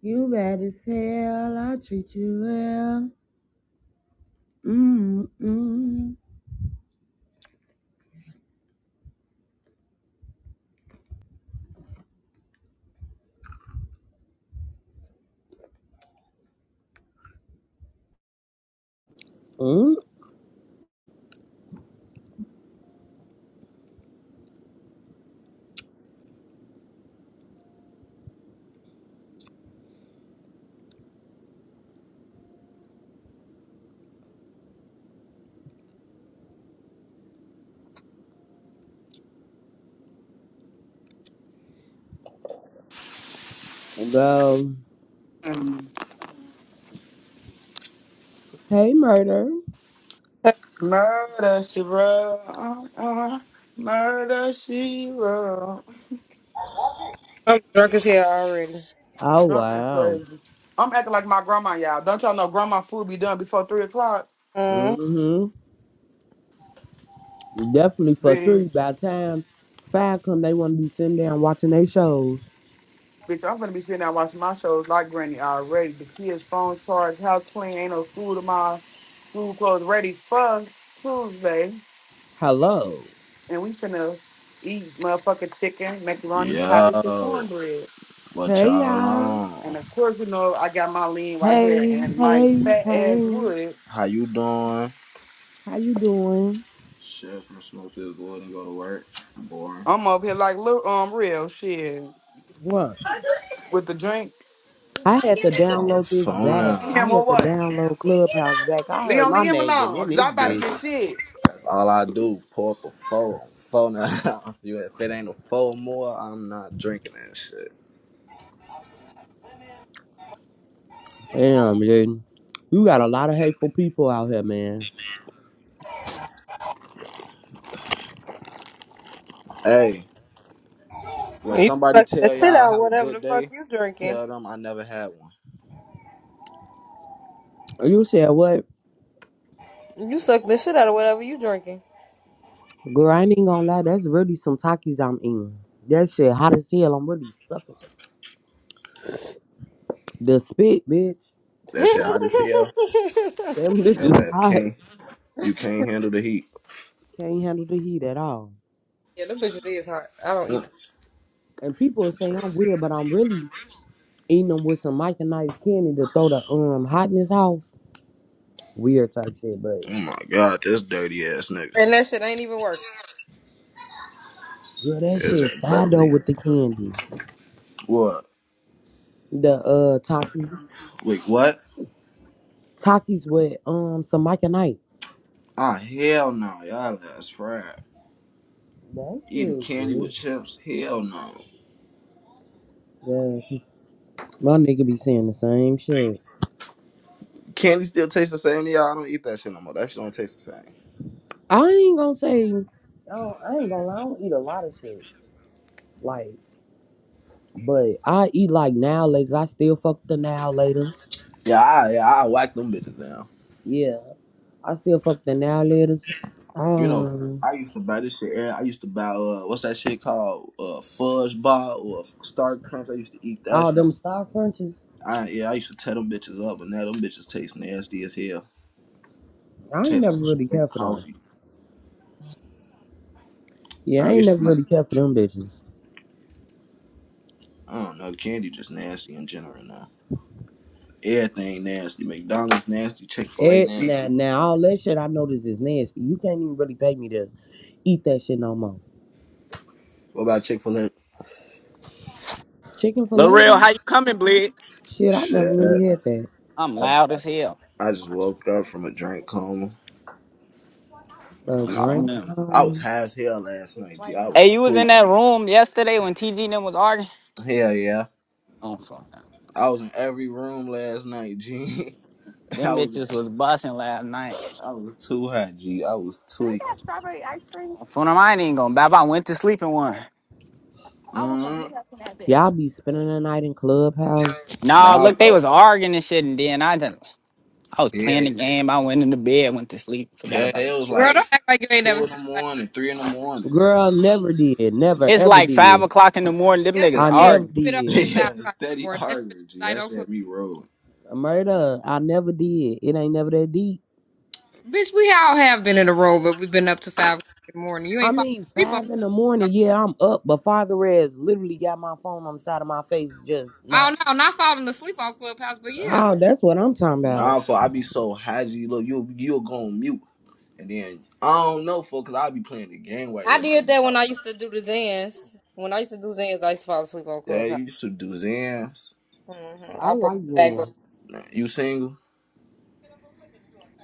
You bad as hell. I treat you well. Mm-mm. Mm, go. Hey, murder. Murder, she wrote. Uh-uh. Murder, she wrote. I'm drunk as hell already. Oh Drunk and wow. crazy. I'm acting like my grandma, y'all. Don't y'all know grandma food be done before 3 o'clock? Mm. Mm-hmm. Definitely for three. Bitch. By the time five come, they want to be sitting down watching their shows. Bitch, I'm gonna be sitting there watching my shows like Granny already. The kids' phone charged, house clean, ain't no food tomorrow. Food clothes ready for Tuesday. Hello. And we finna eat motherfucking chicken, macaroni, cabbage, and Yo, cornbread. what Hey, y'all y'all. And on? of course, you know, I got my lean right here Hey, and my hey, fat hey. ass wood. How you doing? How you doing? Shit, from smoke this wood and go to work. boring. I'm over here like little um real shit What? with the drink. I had to On download this phone back. Him I now. or had to what? download Clubhouse back. I heard Leon, my leave him name been alone. in Cause this I'm about to That's bitch. get shit. that's all I do. Pour up a four on phone now. you if it ain't a four more, I'm not drinking that shit. Damn, dude. You got a lot of hateful people out here, man. Hey, when You somebody suck the tell shit y'all out of have a whatever good the fuck day, you drinking. tell them I never had one. You said what? You suck the shit out of whatever you drinking. Girl, I ain't even gonna lie, that's really some Takis I'm eating. That shit hot as hell. I'm really sucking. The spit, bitch. yeah, That shit hot as hell. Them Your bitches ass hot. can't. You can't handle the heat. Can't handle the heat at all. them bitches is hot. I don't eat Mm. them. And people say I'm weird, but I'm really eating them with some Mike and Ice candy to throw the um hotness off. Weird type shit, but Oh my god, this dirty ass nigga. And that shit ain't even working. girl, that This shit ain't fire better though leave. with the candy. What? The uh Takis. Wait, what? Takis with um some Mike and Ice. Ah, hell no, y'all that's fried. That Eating shit candy good. with chips, hell no. Yeah, my nigga be saying the same shit. Candy still tastes the same to y'all. I don't eat that shit no more. That shit don't taste the same. I ain't gonna say, I, don't, I ain't gonna lie, I don't eat a lot of shit. Like, but I eat like now laters. I still fuck the now laters. Yeah, I, yeah, I whack them bitches down. Yeah, I still fuck the now laters. You know, Um, I used to buy this shit. eh, I used to buy uh, what's that shit called? Uh, fudge bar or star crunch. I used to eat that all shit. them stock crunches. I yeah, I used to tear them bitches up, but now them bitches taste nasty as hell. It I ain't tastes never like really care straight for them. coffee. Yeah, I I ain't used never to eat. really care for them bitches. I don't know, candy just nasty in general now. Everything nasty. McDonald's nasty. Chick Fil A It, now, nasty. now all that shit I noticed is nasty. You can't even really pay me to eat that shit no more. What about Chick Fil A? Chicken filet, L'Oreal, how you coming, Bled? shit, I never Shit, really had that. I'm I loud as hell. I just woke up from a drink coma. Uh, I'm I, phone drink, them. I um, was high as hell last night. G, I was Hey, you was in tweaking. that room yesterday when TG and them was arguing? Hell yeah, I'm phone them. I was in every room last night. G, I Them was in, bitches was busting last night. I was too high. G, I was tweaking. I'm phone them. I ain't gonna bap. I went to sleep in one. mm Y'all be spending the night in clubhouse. Nah, Nah, look, they fuck. was arguing and shit, and then I done, I was playing Yeah, the game. I went into bed, went to sleep, forgot yeah, about it. it was Girl, like don't act like you ain't never two in the spent the night. morning, three in the morning. Girl, never did. Never It's ever like five did. o'clock in the morning. Them Yes, you niggas I did. never arguing. We been up did. at five yeah, o'clock steady before. That's been arguing. G, the night that on shit club. had me rolling. Murder, I never did. It ain't never that deep. Bitch, we all have been in a row, but we've been up to five o'clock in the morning. You I ain't falling mean, asleep on. five in the morning, Clubhouse. yeah, I'm up, but Father Rez literally got my phone on the side of my face just not. Oh no, not falling asleep on Clubhouse, but yeah. Oh, that's what I'm talking about. Nah, for I be so hazy. Look, you you'll go on mute, and then I don't know, for cause I be playing the game while I everybody did be that when I talking. used to do the Zans. When I used to do Zans, I used to fall asleep on Yeah, Clubhouse. you should do Zans. hmm I I broke like my back. But Zen. Nah, you single?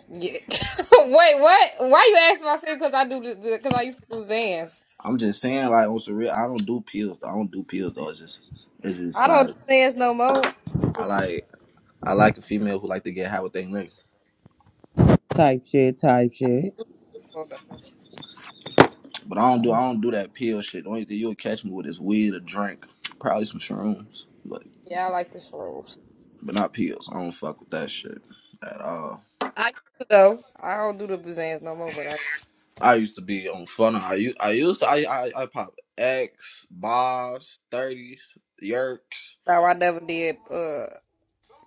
yeah. Wait, what? Why you asking my sin? Because I do because I used to do Zans. I'm just saying, like on some real, I don't do pills. I don't do pills though. It's just, it's just I don't like do Zans no more. I used to I like I like a female who like to get high with they nigga. Type shit, type shit. do- shrooms, though. But I don't do I don't do that pill shit. The only thing you'll catch me with is weed or drink, probably some shrooms, but Yeah, I like the shrooms. but not pills. I don't fuck with that shit at all. I used to though. I don't do the Zans no more, but I I used to be on fun. I used I used to I I, I pop X, Bobs, thirties, Yerks. no, I never did. Uh,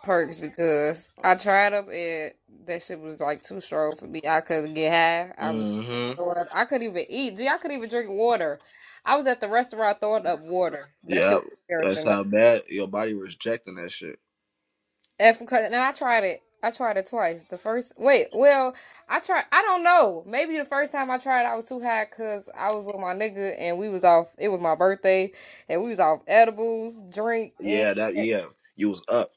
perks because I tried them and that shit was like too strong for me. I couldn't get high. I was Mm-hmm. I couldn't even eat. Gee, I couldn't even drink water. I was at the restaurant throwing up water. That shit Yeah, was that's embarrassing. how bad your body rejecting that shit. If, and I tried it. I tried it twice. The first wait, well, I tried. I don't know. Maybe the first time I tried, I was too high because I was with my nigga and we was off. It was my birthday and we was off edibles, drink and. Yeah, that yeah. You was up.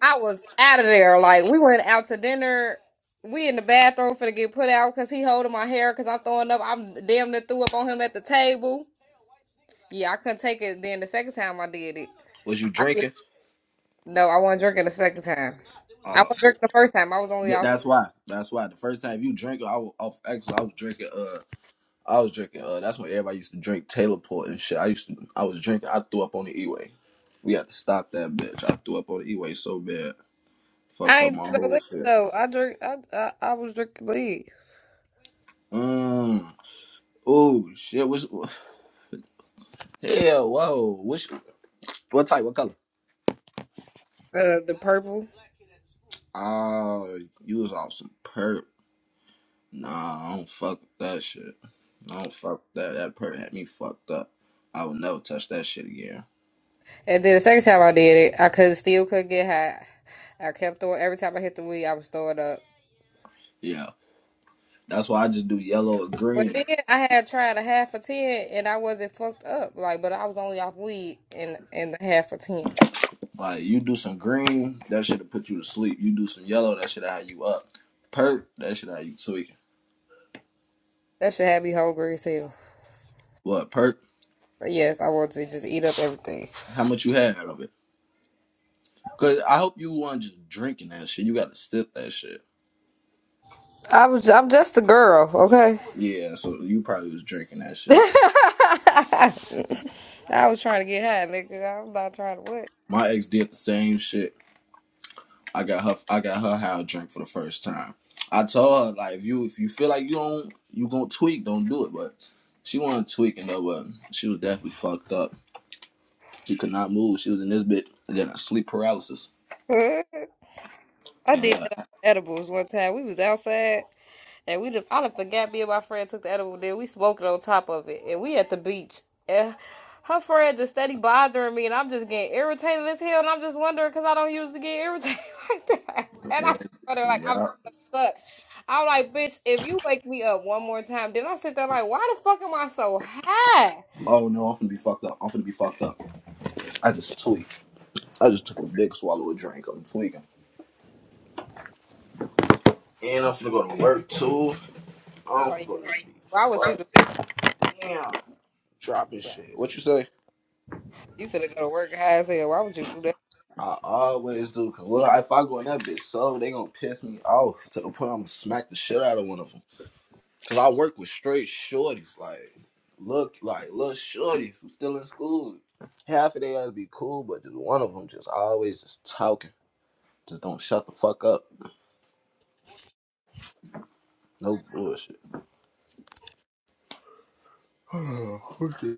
I was out of there. Like we went out to dinner. We in the bathroom finna get put out because he holding my hair because I'm throwing up. I'm damn near threw up on him at the table. Yeah, I couldn't take it. Then the second time I did it, Was you I did, drinking? no, I wasn't drinking the second time. I Uh, wasn't drinking the first time. I was only th- off. that's why. That's why. The first time you drink, I was off X. I was drinking. Uh, I was drinking. Uh, that's when everybody used to drink Taylor Port and shit. I used to. I was drinking. I threw up on the E-way. We had to stop that bitch. I threw up on the E-way so bad. Fucked I up ain't my drink no whole liquor shit. though. I drink. I I, I was drinking lead. Mm. Oh shit! Which hell? Whoa! Which what type? What color? Uh, the purple. Oh, you was off some perp. Nah, I don't fuck with that shit. I don't fuck with that. That perp had me fucked up. I would never touch that shit again. And then the second time I did it, I could still couldn't get high. I kept throwing every time I hit the weed, I was throwing up. Yeah, that's why I just do yellow or Well, green. then I had tried a half a ten, and I wasn't fucked up. Like, but I was only off weed and and the half a ten. Like you do some green, that should have put you to sleep. You do some yellow, that should have had you up. Perp, that should have had you tweaking. That should have me hungry as hell. What perp? But yes, I want to just eat up everything. How much you had out of it? Cause I hope you weren't just drinking that shit. You got to sip that shit. I was I'm just a girl, okay. Yeah, so you probably was drinking that shit. I was trying to get high, nigga. I'm not trying to what. My ex did the same shit. I got her. I got her how to drink for the first time. I told her like, if you if you feel like you don't you gonna tweak, don't do it. But she wasn't tweaking though. But she was definitely fucked up. She could not move. She was in this bit. And then a sleep paralysis. I And, did uh, that on edibles one time. We was outside. And we just, I done forgot me and my friend took the edible then we smoking on top of it. And we at the beach. And her friend just steady bothering me and I'm just getting irritated as hell and I'm just wondering because I don't usually get irritated like that. And I and just wonder like I'm so yeah. stuck. I'm like, bitch, if you wake me up one more time, then I sit there like, why the fuck am I so high? Oh no, I'm gonna be fucked up. I'm gonna be fucked up. I just tweaked. I just took a big swallow of drink. I'm tweaking. And I'm finna go to work too. I'm Like, finna be Why would you do? that? fucked. Damn. dropping shit. What you say? You finna go to work high as hell. Why would you do that? I always do, because if I go in that bitch so they gonna piss me off to the point I'm gonna smack the shit out of one of them. Cause I work with straight shorties, like look, like little shorties who still in school. Half of they ass be cool, but just one of them just always just talking. Just don't shut the fuck up. No bullshit. Okay.